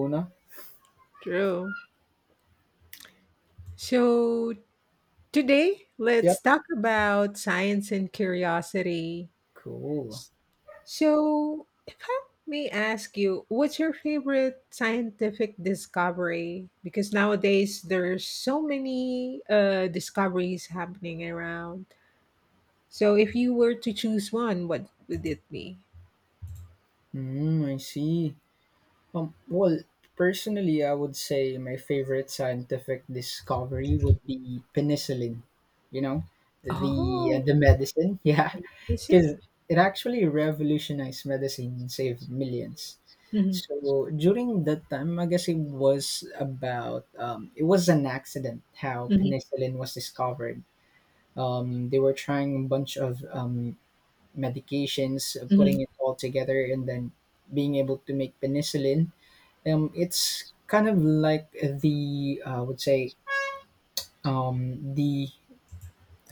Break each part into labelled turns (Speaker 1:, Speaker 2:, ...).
Speaker 1: Una.
Speaker 2: True. So today, let's
Speaker 1: Yep.
Speaker 2: talk about science and curiosity.
Speaker 1: Cool.
Speaker 2: S- So, if I may ask you, what's your favorite scientific discovery? Because nowadays there's so many discoveries happening around. So, if you were to choose one, what would it be?
Speaker 1: I see. Well, personally, I would say my favorite scientific discovery would be penicillin. You know, the uh,
Speaker 2: Oh,
Speaker 1: the medicine, yeah,
Speaker 2: is it?
Speaker 1: because it actually revolutionized medicine and saved millions.
Speaker 2: hmm
Speaker 1: So during that time, I guess it was about it was an accident how
Speaker 2: hmm
Speaker 1: penicillin was discovered. They were trying a bunch of medications,
Speaker 2: hmm
Speaker 1: putting it all together, and then being able to make penicillin. It's kind of like the, I would say, the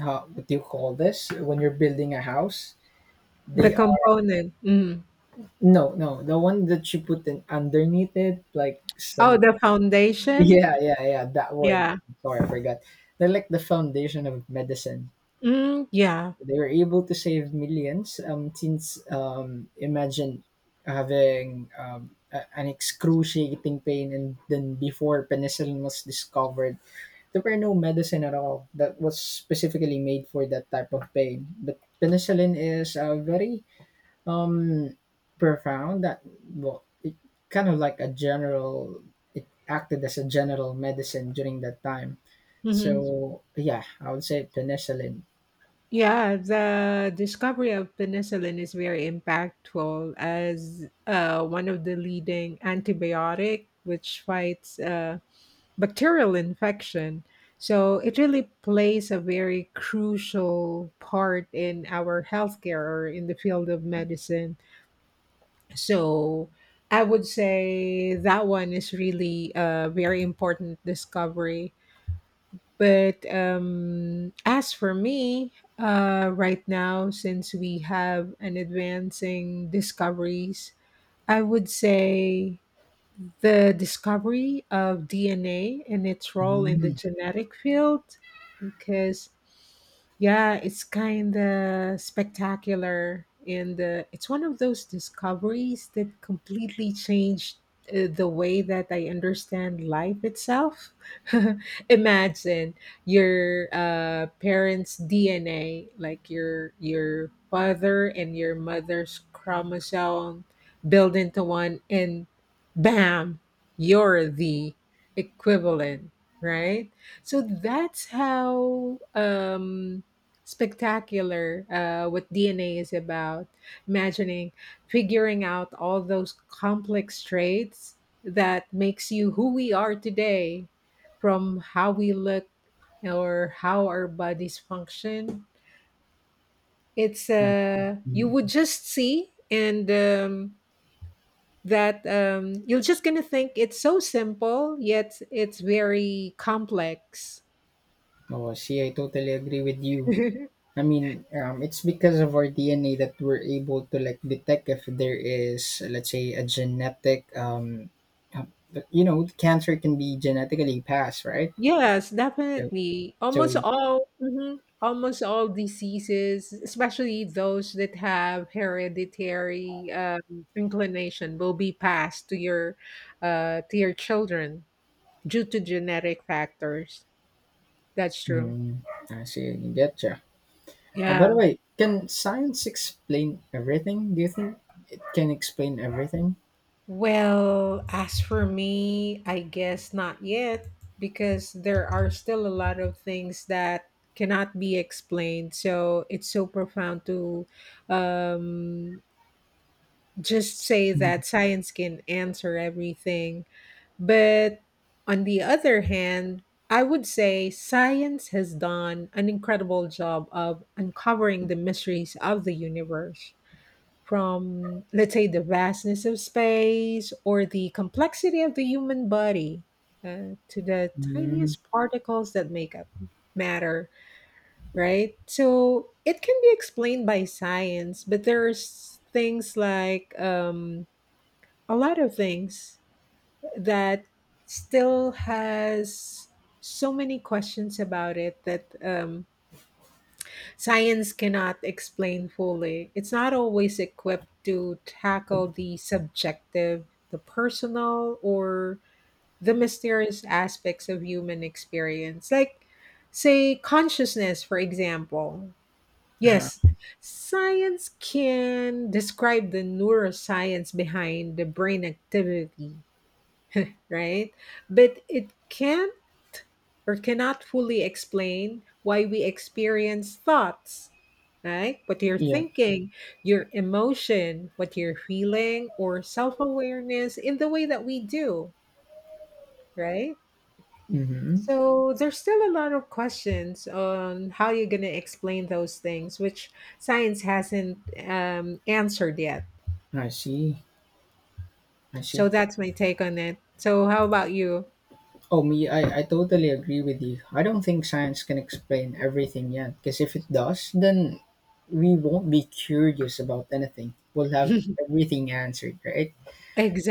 Speaker 1: what do you call this when you're building a house?
Speaker 2: The
Speaker 1: They are,
Speaker 2: component. Mhm.
Speaker 1: no, no, the one that you put in underneath it, like
Speaker 2: Oh,
Speaker 1: some.
Speaker 2: the
Speaker 1: Yeah,
Speaker 2: foundation.
Speaker 1: yeah, yeah, that word.
Speaker 2: Yeah.
Speaker 1: Sorry, I forgot. They're like the foundation of medicine.
Speaker 2: Mm, yeah.
Speaker 1: They were able to save millions, since imagine having an excruciating pain, and then before penicillin was discovered there were no medicine at all that was specifically made for that type of pain. But penicillin is a very um profound, that well, it kind of like a general. It acted as a general medicine during that time.
Speaker 2: hmm
Speaker 1: So yeah, I would say penicillin.
Speaker 2: Yeah, the discovery of penicillin is very impactful as one of the leading antibiotic which fights bacterial infection. So it really plays a very crucial part in our healthcare or in the field of medicine. So I would say that one is really a very important discovery. But as for me, right now, since we have an advancing discoveries, I would say the discovery of DNA and its role in the
Speaker 1: Mm.
Speaker 2: genetic field, because yeah, it's kind of spectacular and it's one of those discoveries that completely changed the way that I understand life itself. Imagine your parents' DNA, like your father and your mother's chromosome build into one and bam, you're the equivalent, right? So that's how spectacular what DNA is about. Imagining figuring out all those complex traits that makes you who we are today, from how we look or how our bodies function. It's you
Speaker 1: Mhm.
Speaker 2: would just see and that you're just gonna think it's so simple yet it's very complex.
Speaker 1: Oh, see, I totally agree with you. I mean, it's because of our DNA that we're able to like detect if there is, let's say, a genetic, uh, cancer can be genetically passed, right?
Speaker 2: Yes,
Speaker 1: So,
Speaker 2: definitely
Speaker 1: so,
Speaker 2: almost all, mhm, almost all diseases, especially those that have hereditary inclination will be passed to your children due to genetic factors. That's true,
Speaker 1: mm, I see, I get you. By the
Speaker 2: yeah.
Speaker 1: way, can science explain everything? Do you think it can explain everything?
Speaker 2: Well, as for me, I guess not yet, because there are still a lot of things that cannot be explained. So it's so profound to um, just say that science can answer everything. But on the other hand, I would say science has done an incredible job of uncovering the mysteries of the universe, from, let's say, the vastness of space or the complexity of the human body, to the
Speaker 1: Mm-hmm.
Speaker 2: tiniest particles that make up matter, right? So it can be explained by science, but there's things like, a lot of things that still has so many questions about it that science cannot explain fully. It's not always equipped to tackle the subjective, the personal, or the mysterious aspects of human experience. Like, say, consciousness, for example.
Speaker 1: Uh-huh.
Speaker 2: Yes, science can describe the neuroscience behind the brain activity, right? But it can't or cannot fully explain why we experience thoughts, right? What you're
Speaker 1: Yeah.
Speaker 2: thinking, your emotion, what you're feeling, or self awareness in the way that we do, right?
Speaker 1: Mm-hmm.
Speaker 2: So there's still a lot of questions on how you're going to explain those things, which science hasn't answered yet.
Speaker 1: I see. I
Speaker 2: So
Speaker 1: see.
Speaker 2: that's my take on it. So how about you?
Speaker 1: Oh, me, I totally agree with you. I don't think science can explain everything yet, because if it does, then we won't be curious about anything. We'll have everything answered, right?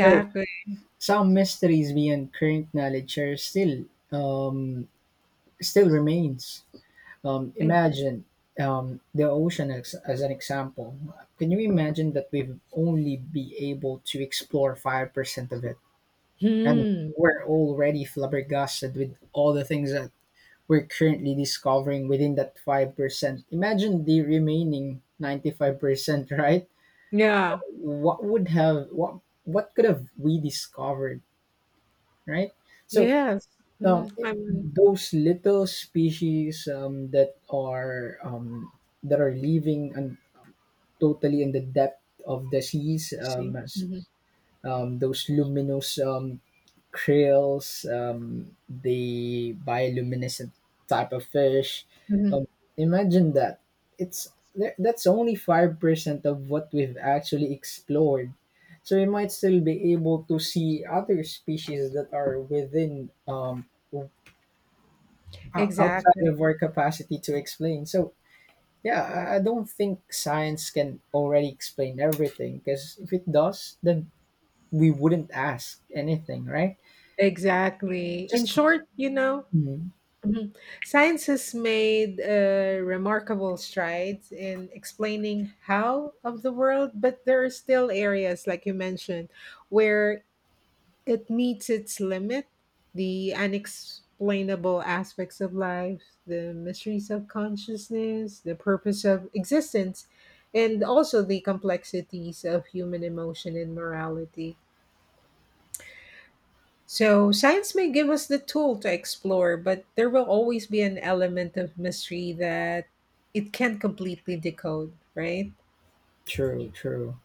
Speaker 1: So some mysteries beyond current knowledge are um, still remains. Imagine the ocean , as an example. Can you imagine that we've only be able to explore 5% of it, and
Speaker 2: Hmm.
Speaker 1: we're already flabbergasted with all the things that we're currently discovering within that 5%. Imagine the remaining 95%, right?
Speaker 2: Yeah.
Speaker 1: What could have we discovered, right? So
Speaker 2: Yes. Mm, I mean,
Speaker 1: those little species, that are living and totally in the depth of the seas,
Speaker 2: see. Mhm,
Speaker 1: those luminous, krills, the bioluminescent type of fish.
Speaker 2: mhm.
Speaker 1: Um, Imagine that. It's that's only 5% of what we've actually explored. So we might still be able to see other species that are within outside
Speaker 2: Exactly.
Speaker 1: of our capacity to explain. So yeah, I don't think science can already explain everything, because if it does, then we wouldn't ask anything, right?
Speaker 2: Exactly. In
Speaker 1: Just
Speaker 2: short,
Speaker 1: hmm,
Speaker 2: mhm, science has made remarkable strides in explaining how of the world, but there are still areas, like you mentioned, where it meets its limit. The unexplainable aspects of life, the mysteries of consciousness, the purpose of existence, and also the complexities of human emotion and morality. So, science may give us the tool to explore, but there will always be an element of mystery that it can't completely decode, right?
Speaker 1: True, true.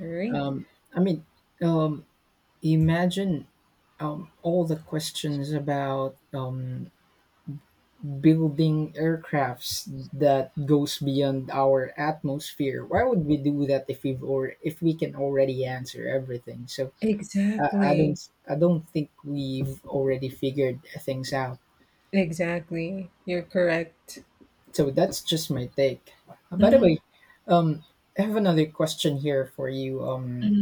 Speaker 2: All right.
Speaker 1: Um, I mean, um, imagine all the questions about building aircrafts that goes beyond our atmosphere. Why would we do that if we can already answer everything? So I don't
Speaker 2: Exactly.
Speaker 1: think we've already figured things out.
Speaker 2: Exactly. You're correct.
Speaker 1: So that's just my take. By the
Speaker 2: Mm-hmm.
Speaker 1: way, um, I have another question here for you.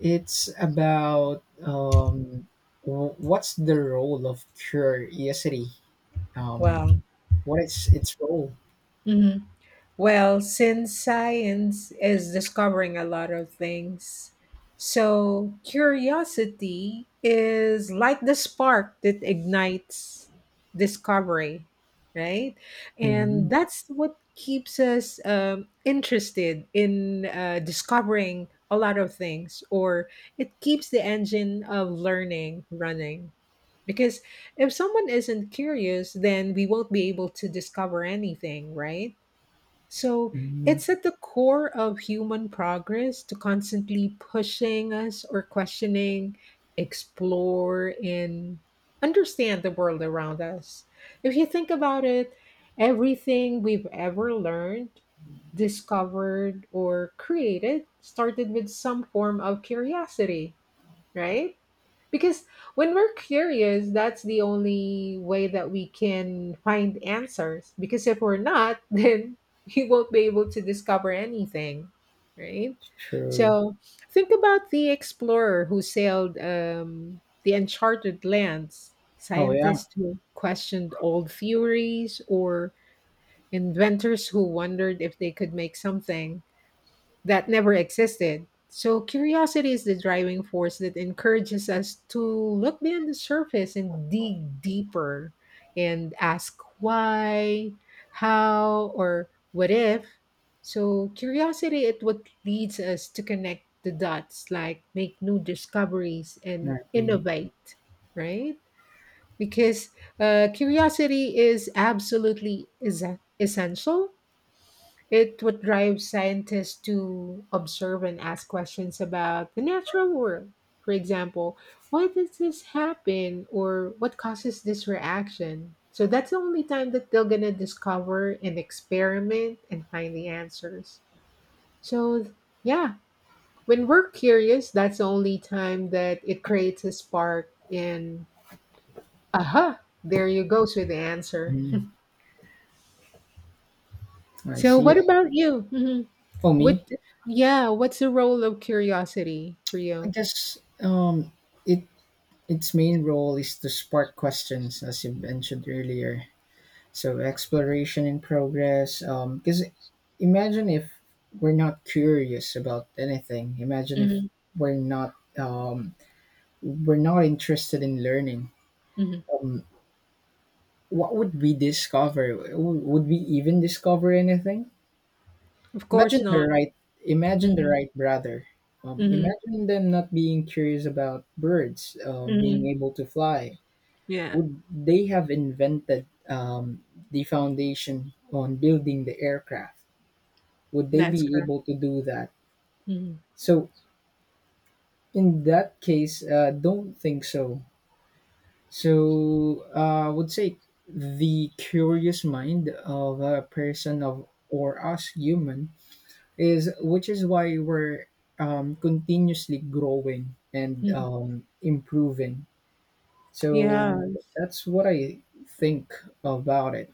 Speaker 1: It's about what's the role of curiosity? Um,
Speaker 2: Wow.
Speaker 1: what is its role?
Speaker 2: Mhm. Well, since science is discovering a lot of things, so curiosity is like the spark that ignites discovery, right? And
Speaker 1: mm
Speaker 2: that's what keeps us interested in discovering a lot of things, or it keeps the engine of learning running. Because if someone isn't curious, then we won't be able to discover anything, right? So
Speaker 1: mm,
Speaker 2: it's at the core of human progress to constantly pushing us or questioning, explore, and understand the world around us. If you think about it, everything we've ever learned, discovered, or created started with some form of curiosity, right? Because when we're curious, that's the only way that we can find answers. Because if we're not, then we won't be able to discover anything, right?
Speaker 1: True.
Speaker 2: So think about the explorer who sailed the uncharted lands,
Speaker 1: Oh yeah,
Speaker 2: scientists who questioned old theories, or inventors who wondered if they could make something that never existed. So, curiosity is the driving force that encourages us to look beyond the surface and dig deeper and ask why, how, or what if. So, curiosity is what leads us to connect the dots, like make new discoveries
Speaker 1: I
Speaker 2: and
Speaker 1: agree.
Speaker 2: innovate, right? Because curiosity is absolutely essential. It would drive scientists to observe and ask questions about the natural world. For example, why does this happen or what causes this reaction? So that's the only time that they're gonna discover and experiment and find the answers. So yeah, when we're curious, that's the only time that it creates a spark in, aha, there you go with the answer.
Speaker 1: mm I
Speaker 2: So
Speaker 1: see.
Speaker 2: what about you? Mhm.
Speaker 1: Oh, me,
Speaker 2: What yeah, what's the role of curiosity for
Speaker 1: I
Speaker 2: you?
Speaker 1: guess it its main role is to spark questions, as you mentioned earlier. So exploration in progress. Because imagine if we're not curious about anything. Imagine if
Speaker 2: Mhm,
Speaker 1: we're not um, we're not interested in learning.
Speaker 2: mhm.
Speaker 1: Um, what would we discover? Would we even discover anything?
Speaker 2: Of course
Speaker 1: Imagine the
Speaker 2: not.
Speaker 1: right, imagine the
Speaker 2: Mhm,
Speaker 1: right brother.
Speaker 2: mhm,
Speaker 1: Imagine them not being curious about birds, being
Speaker 2: mhm.
Speaker 1: able to fly.
Speaker 2: Yeah,
Speaker 1: Would they have invented the foundation on building the aircraft? Would they
Speaker 2: that's
Speaker 1: be
Speaker 2: correct.
Speaker 1: able to do that?
Speaker 2: Mhm,
Speaker 1: So in that case, don't think so. So I would say the curious mind of a person of or us human is, which is why we're continuously growing and
Speaker 2: mhm.
Speaker 1: improving.
Speaker 2: Yeah,
Speaker 1: So that's what I think about it.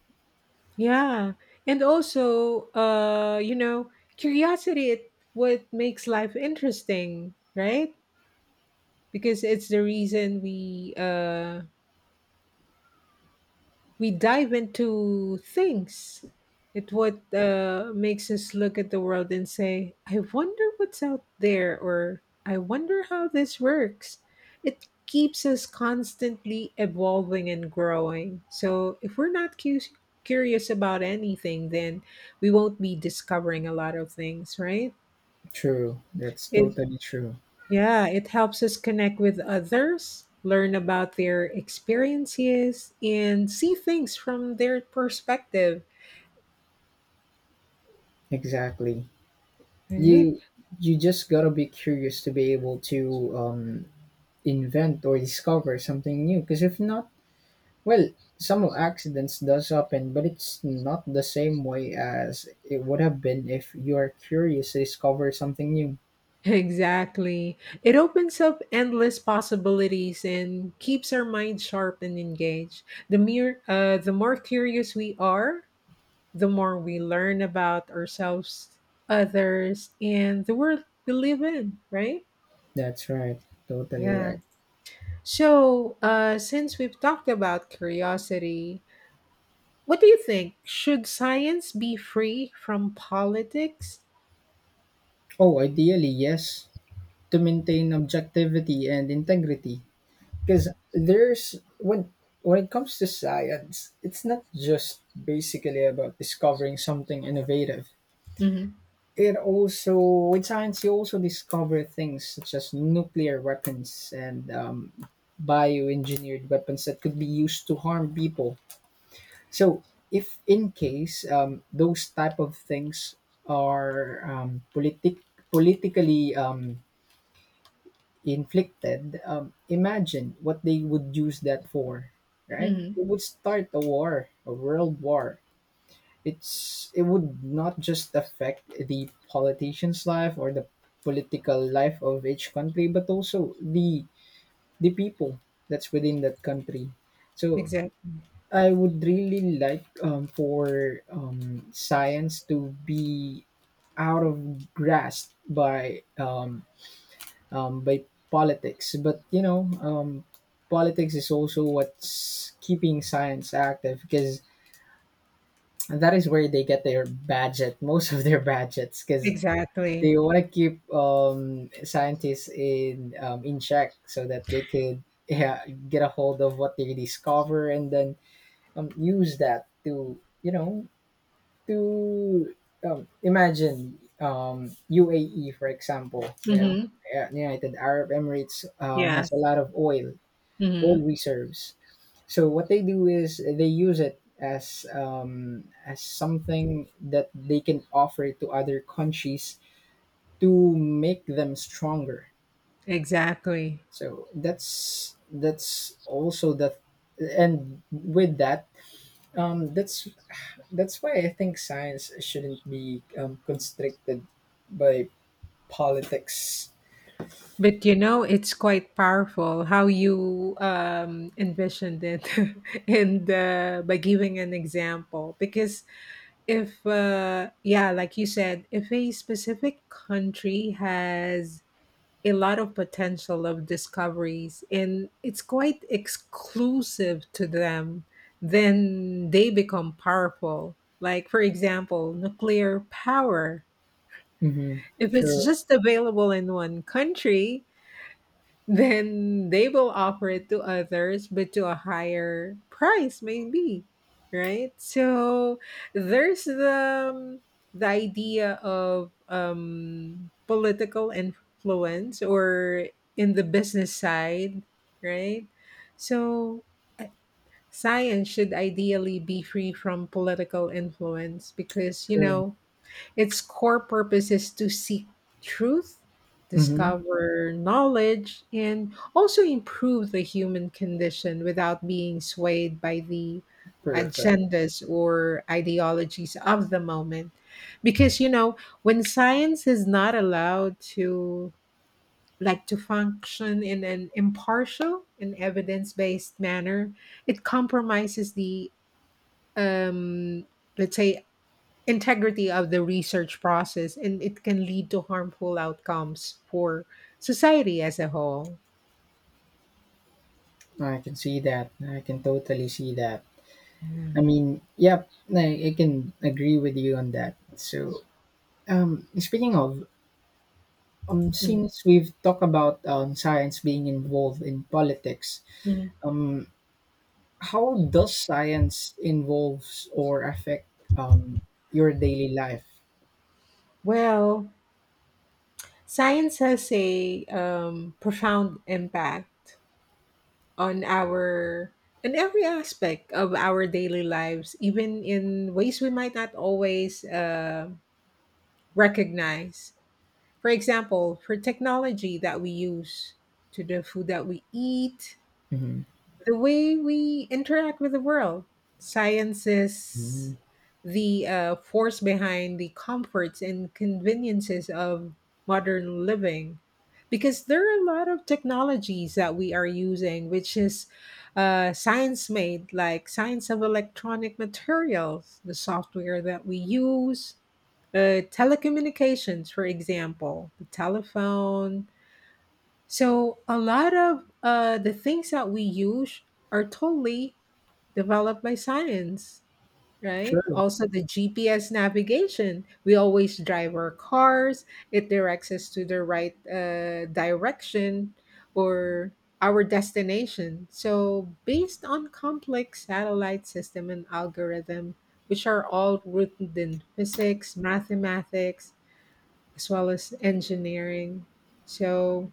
Speaker 2: yeah. And also, you know, curiosity it what makes life interesting, right? Because it's the reason we dive into things. It what makes us look at the world and say, "I wonder what's out there," or "I wonder how this works." It keeps us constantly evolving and growing. So if we're not curious about anything, then we won't be discovering a lot of things, right?
Speaker 1: True. That's
Speaker 2: It
Speaker 1: totally true.
Speaker 2: yeah, it helps us connect with others, learn about their experiences, and see things from their perspective.
Speaker 1: Exactly.
Speaker 2: Right?
Speaker 1: You you just gotta be curious to be able to invent or discover something new. Because if not, well, some accidents does happen, but it's not the same way as it would have been if you are curious to discover something new.
Speaker 2: Exactly. It opens up endless possibilities and keeps our mind sharp and engaged. The mere the more curious we are, the more we learn about ourselves, others, and the world we live in, right?
Speaker 1: That's right. Totally
Speaker 2: Yeah.
Speaker 1: right.
Speaker 2: So, since we've talked about curiosity, what do you think? Should science be free from politics?
Speaker 1: Oh, ideally, yes, to maintain objectivity and integrity. Because there's when it comes to science, it's not just basically about discovering something innovative.
Speaker 2: Mm-hmm.
Speaker 1: It also, with science, you also discover things such as nuclear weapons and bioengineered weapons that could be used to harm people. So, if in case those type of things are politically inflicted, imagine what they would use that for, right?
Speaker 2: Mm-hmm.
Speaker 1: It would start a world war. It would not just affect the politician's life or the political life of each country, but also the people that's within that country. So
Speaker 2: Exactly.
Speaker 1: I would really like for science to be out of grasp by politics. But politics is also what's keeping science active, because and that is where they get their budget, most of their budgets, because
Speaker 2: Exactly.
Speaker 1: they want to keep scientists in check so that they could, yeah, get a hold of what they discover, and then use that to, to imagine UAE, for example, you know,
Speaker 2: Mm-hmm.
Speaker 1: yeah, United Arab Emirates has
Speaker 2: Yes.
Speaker 1: a lot of oil
Speaker 2: hmm
Speaker 1: reserves. So what they do is they use it as something that they can offer to other countries to make them stronger.
Speaker 2: Exactly.
Speaker 1: So that's also the, and with that, that's why I think science shouldn't be constricted by politics.
Speaker 2: But you know, it's quite powerful how you envisioned it, and by giving an example. Because if, yeah, like you said, if a specific country has a lot of potential of discoveries and it's quite exclusive to them, then they become powerful. Like, for example, nuclear power.
Speaker 1: Mm-hmm.
Speaker 2: If it's
Speaker 1: Sure.
Speaker 2: just available in one country, then they will offer it to others, but to a higher price, maybe. Right? So there's the idea of political influence or in the business side, right? So eh, science should ideally be free from political influence because you
Speaker 1: Sure.
Speaker 2: know its core purpose is to seek truth,
Speaker 1: Mm-hmm.
Speaker 2: discover knowledge, and also improve the human condition without being swayed by the
Speaker 1: Perfect.
Speaker 2: agendas or ideologies of the moment. Because, you know, when science is not allowed to like to function in an impartial and evidence-based manner, it compromises the um let's say integrity of the research process, and it can lead to harmful outcomes for society as a whole.
Speaker 1: I can see that. I can totally see that.
Speaker 2: Yeah.
Speaker 1: I mean, yep, I can agree with you on that. So, speaking of, since we've talked about science being involved in politics,
Speaker 2: Mhm.
Speaker 1: um, how does science involves or affect um, your daily life?
Speaker 2: Well, science has a profound impact on our on every aspect of our daily lives, even in ways we might not always recognize. For example, for technology that we use, to the food that we eat,
Speaker 1: hmm
Speaker 2: the way we interact with the world. Science
Speaker 1: Mm,
Speaker 2: is the force behind the comforts and conveniences of modern living. Because there are a lot of technologies that we are using, which is science made, like science of electronic materials, the software that we use, telecommunications, for example, the telephone, so a lot of the things that we use are totally developed by science, right?
Speaker 1: true.
Speaker 2: Also, the GPS navigation. We always drive our cars, it directs us to the right direction or our destination. So, based on complex satellite system and algorithm, which are all rooted in physics, mathematics, as well as engineering. So,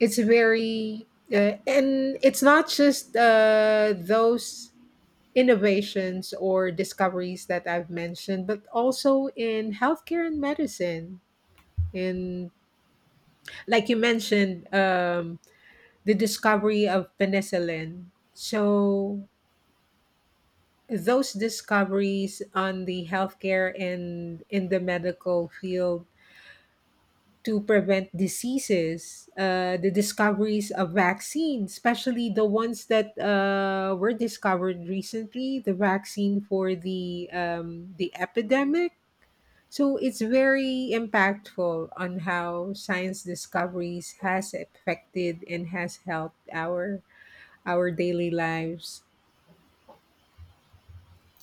Speaker 2: it's very and it's not just those innovations or discoveries that I've mentioned, but also in healthcare and medicine. In, like you mentioned, the discovery of penicillin. So those discoveries on the healthcare and in the medical field to prevent diseases, the discoveries of vaccines, especially the ones that were discovered recently, the vaccine for the epidemic. So it's very impactful on how science discoveries has affected and has helped our daily lives.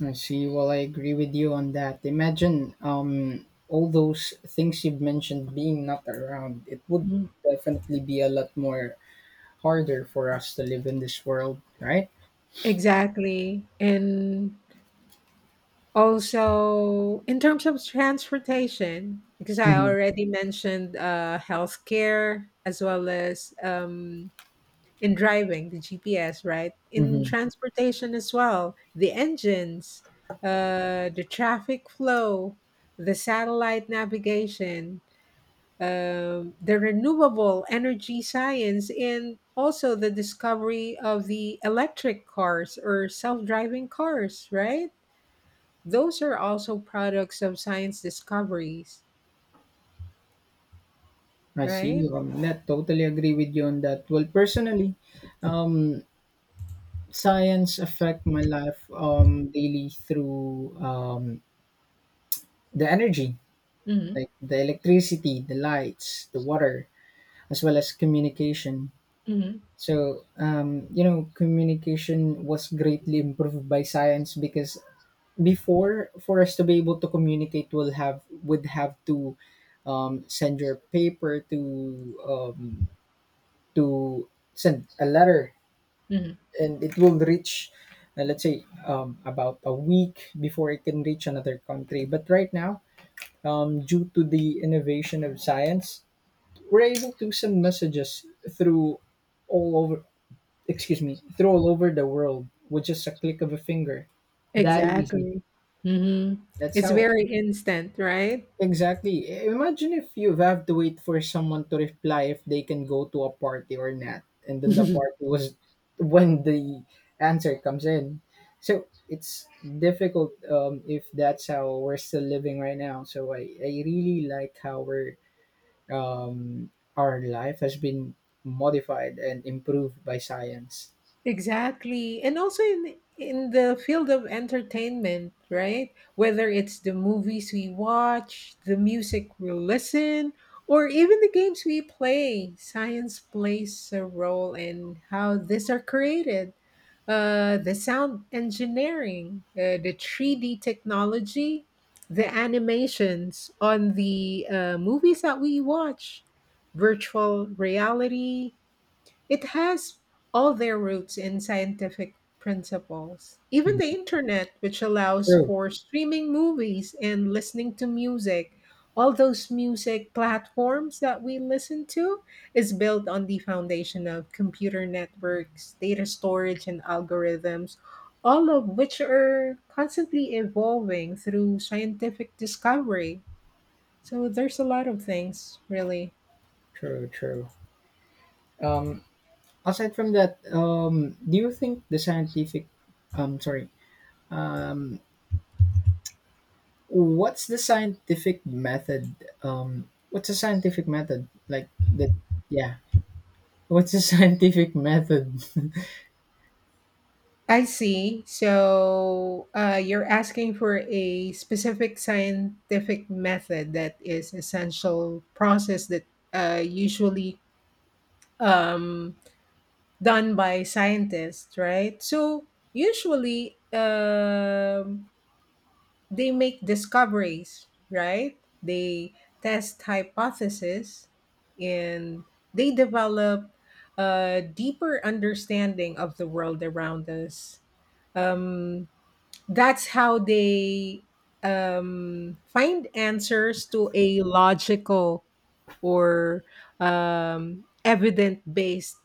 Speaker 1: I see. Well, I agree with you on that. Imagine all those things you've mentioned being not around. It would
Speaker 2: Mhm.
Speaker 1: definitely be a lot more harder for us to live in this world, right?
Speaker 2: Exactly. And also, in terms of transportation, because I
Speaker 1: Mhm.
Speaker 2: already mentioned healthcare as well as in driving, the GPS, right? In
Speaker 1: Mhm.
Speaker 2: transportation as well, the engines, the traffic flow, the satellite navigation, the renewable energy science, and also the discovery of the electric cars or self driving cars, right? Those are also products of science discoveries,
Speaker 1: I see you
Speaker 2: right?
Speaker 1: that. Totally agree with you on that. Well, personally, science affect my life daily through the energy,
Speaker 2: hmm
Speaker 1: like the electricity, the lights, the water, as well as communication.
Speaker 2: hmm
Speaker 1: So communication was greatly improved by science, because before, for us to be able to communicate, we'll have would have to send your paper to, send a letter,
Speaker 2: hmm
Speaker 1: and it will reach, let's say, about a week before it can reach another country. But right now, due to the innovation of science, we're able to send messages all over through all over the world with just a click of a finger. That easy,
Speaker 2: Exactly. hmm
Speaker 1: that's
Speaker 2: It's
Speaker 1: how.
Speaker 2: very instant, right?
Speaker 1: Exactly. Imagine if you have to wait for someone to reply if they can go to a party or not, and then the party was when the answer comes in. So it's difficult if that's how we're still living right now. So I really like how um, our life has been modified and improved by science.
Speaker 2: Exactly. And also in the field of entertainment, right? Whether it's the movies we watch, the music we listen, or even the games we play, science plays a role in how these are created. The sound engineering, the 3D technology, the animations on the movies that we watch, virtual reality, it has all their roots in scientific principles. Even the
Speaker 1: Mhm.
Speaker 2: internet, which allows
Speaker 1: True,
Speaker 2: for streaming movies and listening to music, all those music platforms that we listen to is built on the foundation of computer networks, data storage, and algorithms, all of which are constantly evolving through scientific discovery. So there's a lot of things, really.
Speaker 1: true, true. Um, Aside from that, do you think the um, sorry, um, what's the scientific method? What's the scientific method? Like that, yeah. What's the scientific method?
Speaker 2: I see. So you're asking for a specific scientific method that is essential process that usually um, done by scientists, right? So usually they make discoveries, right? They test hypotheses and they develop a deeper understanding of the world around us. Um, that's how they find answers to a logical or evident based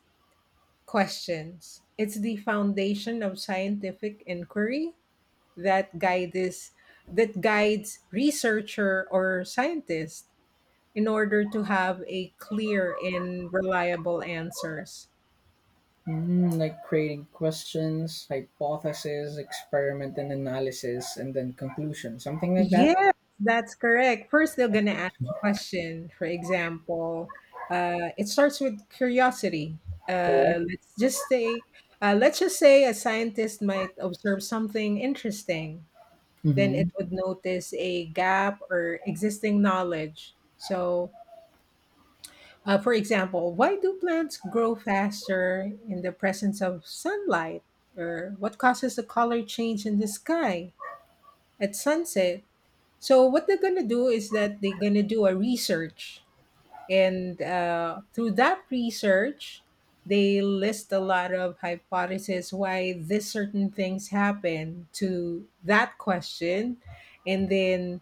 Speaker 2: questions. It's the foundation of scientific inquiry that guides that guides researcher or scientist in order to have a clear and reliable answers.
Speaker 1: Mm, like creating questions, hypothesis, experiment and analysis, and then conclusion. Something like that.
Speaker 2: Yes, that's correct. First, they're
Speaker 1: I
Speaker 2: going to ask
Speaker 1: think,
Speaker 2: a question. For example, it starts with curiosity.
Speaker 1: correct?
Speaker 2: Uh, let's just say, let's just say a scientist might observe something interesting. Then
Speaker 1: Mm-hmm.
Speaker 2: it would notice a gap or existing knowledge. So, for example, why do plants grow faster in the presence of sunlight? Or what causes the color change in the sky at sunset? So what they're gonna do is that they're gonna do a research, and through that research, they list a lot of hypotheses why this certain things happen to that question, and then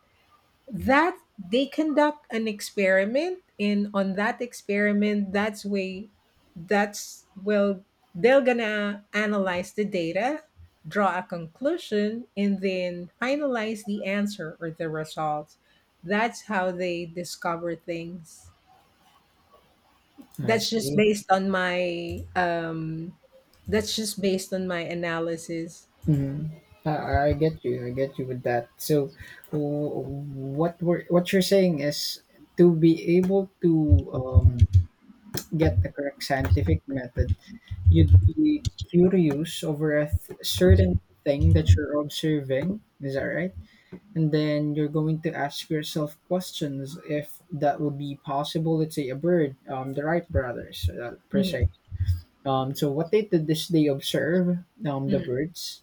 Speaker 2: that they conduct an experiment, and on that experiment that's well they're gonna analyze the data, draw a conclusion, and then finalize the answer or the results. That's how they discover things.
Speaker 1: I
Speaker 2: that's just
Speaker 1: see.
Speaker 2: based on my um that's just based on my analysis.
Speaker 1: Mm-hmm. I get you. I get you with that. So, w- what we're what you're saying is, to be able to um, get the correct scientific method, you'd be curious over a certain thing that you're observing, is that right? And then you're going to ask yourself questions if that would be possible. Let's say a bird, the Wright brothers, per
Speaker 2: Mhm,
Speaker 1: se. So what they did is they observe the
Speaker 2: mhm.
Speaker 1: birds,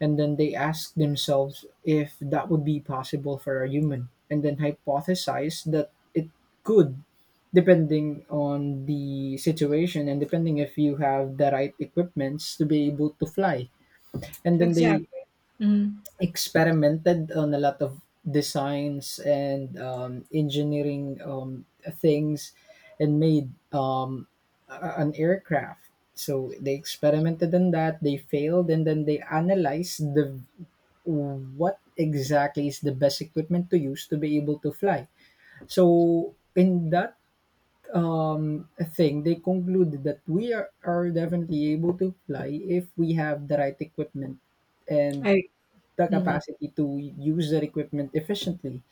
Speaker 1: and then they ask themselves if that would be possible for a human, and then hypothesize that it could, depending on the situation and depending if you have the right equipments to be able to fly. And then they
Speaker 2: Exactly. Mhm.
Speaker 1: experimented on a lot of designs and engineering things, and made an aircraft. So they experimented on that, they failed, and then they analyzed the what exactly is the best equipment to use to be able to fly. So in that thing, they concluded that we are definitely able to fly if we have the right equipment and
Speaker 2: I
Speaker 1: the
Speaker 2: mhm.
Speaker 1: capacity to use their equipment efficiently.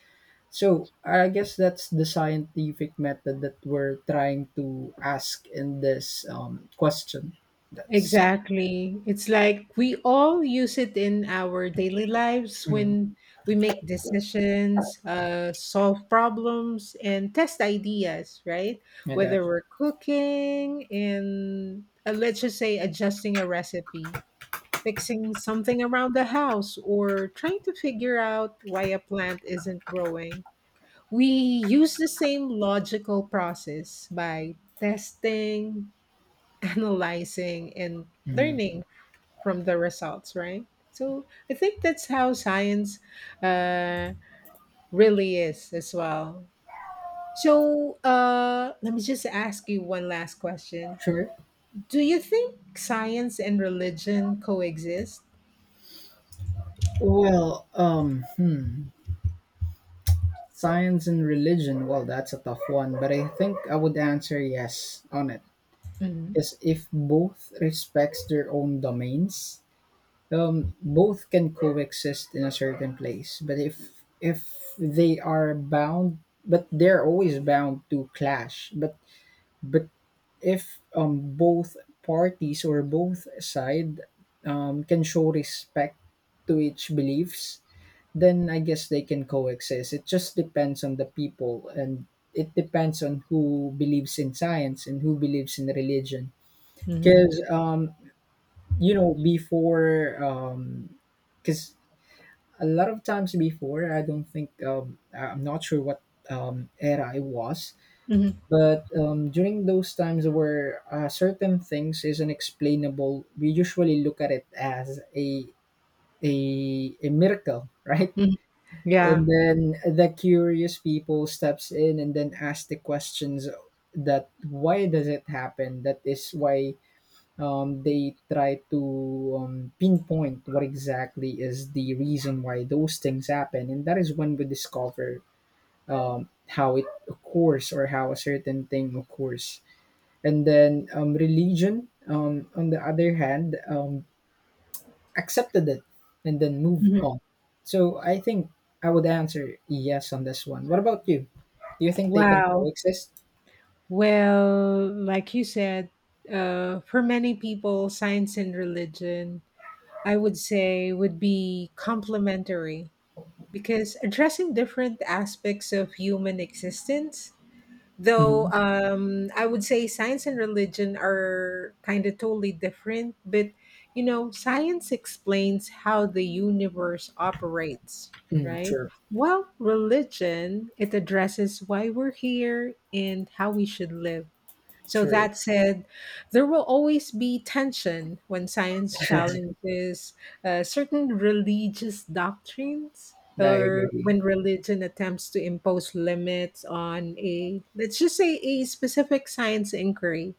Speaker 1: So I guess that's the scientific method that we're trying to ask in this question. That's
Speaker 2: Exactly. It's like we all use it in our daily lives
Speaker 1: mm,
Speaker 2: when we make decisions, solve problems, and test ideas, right?
Speaker 1: I got
Speaker 2: Whether
Speaker 1: you.
Speaker 2: we're cooking and, let's just say, adjusting a recipe, fixing something around the house, or trying to figure out why a plant isn't growing. We use the same logical process by testing, analyzing, and learning from the results, right? So I think that's how science uh, really is as well. So let me just ask you one last question.
Speaker 1: Sure.
Speaker 2: Do you think science and religion coexist?
Speaker 1: Well, science and religion. Well, that's a tough one, but I think I would answer yes on it.
Speaker 2: Hmm.
Speaker 1: Because if both respects their own domains, both can coexist in a certain place, but if they are bound, but they're always bound to clash. But if both parties or both side can show respect to each beliefs, then I guess they can coexist. It just depends on the people, and it depends on who believes in science and who believes in religion.
Speaker 2: Hmm.
Speaker 1: Because before, because a lot of times before, I don't think, I'm not sure what era I was,
Speaker 2: Hmm.
Speaker 1: but during those times where certain things is unexplainable, we usually look at it as a miracle, right,
Speaker 2: Hmm. Yeah.
Speaker 1: and then the curious people steps in and then ask the questions that why does it happen. That is why they try to pinpoint what exactly is the reason why those things happen, and that is when we discover how it occurs or how a certain thing occurs. And then religion, on the other hand, accepted it and then moved
Speaker 2: Mhm.
Speaker 1: on. So I think I would answer yes on this one. What about you, do you think they can
Speaker 2: Wow.
Speaker 1: coexist?
Speaker 2: Well, like you said, for many people, science and religion, I would say, would be complementary, because addressing different aspects of human existence, though
Speaker 1: Mm-hmm.
Speaker 2: I would say science and religion are kind of totally different. But you know, science explains how the universe operates, right,
Speaker 1: True,
Speaker 2: while religion, it addresses why we're here and how we should live. So
Speaker 1: true.
Speaker 2: that said, there will always be tension when science challenges certain religious doctrines,
Speaker 1: I
Speaker 2: or
Speaker 1: agree,
Speaker 2: when religion attempts to impose limits on a, let's just say, a specific science inquiry.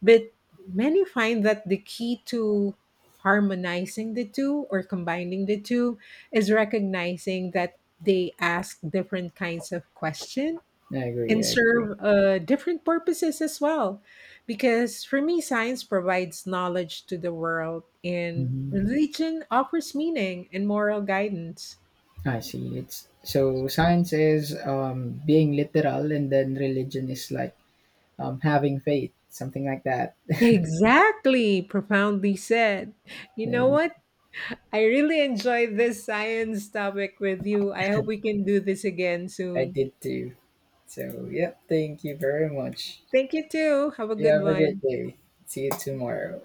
Speaker 2: But many find that the key to harmonizing the two or combining the two is recognizing that they ask different kinds of questions
Speaker 1: I agree,
Speaker 2: and
Speaker 1: I agree.
Speaker 2: serve different purposes as well. Because for me, science provides knowledge to the world, and
Speaker 1: Mhm.
Speaker 2: religion offers meaning and moral guidance.
Speaker 1: I see. It's so science is being literal, and then religion is like having faith, something like that.
Speaker 2: Exactly, profoundly said. You know
Speaker 1: Maybe
Speaker 2: what? I really enjoyed this science topic with you. I hope we can do this again
Speaker 1: I
Speaker 2: soon.
Speaker 1: did too. So, yeah, thank you very much.
Speaker 2: Thank you, too. Have a
Speaker 1: You
Speaker 2: good
Speaker 1: have a great
Speaker 2: one.
Speaker 1: day. See you tomorrow.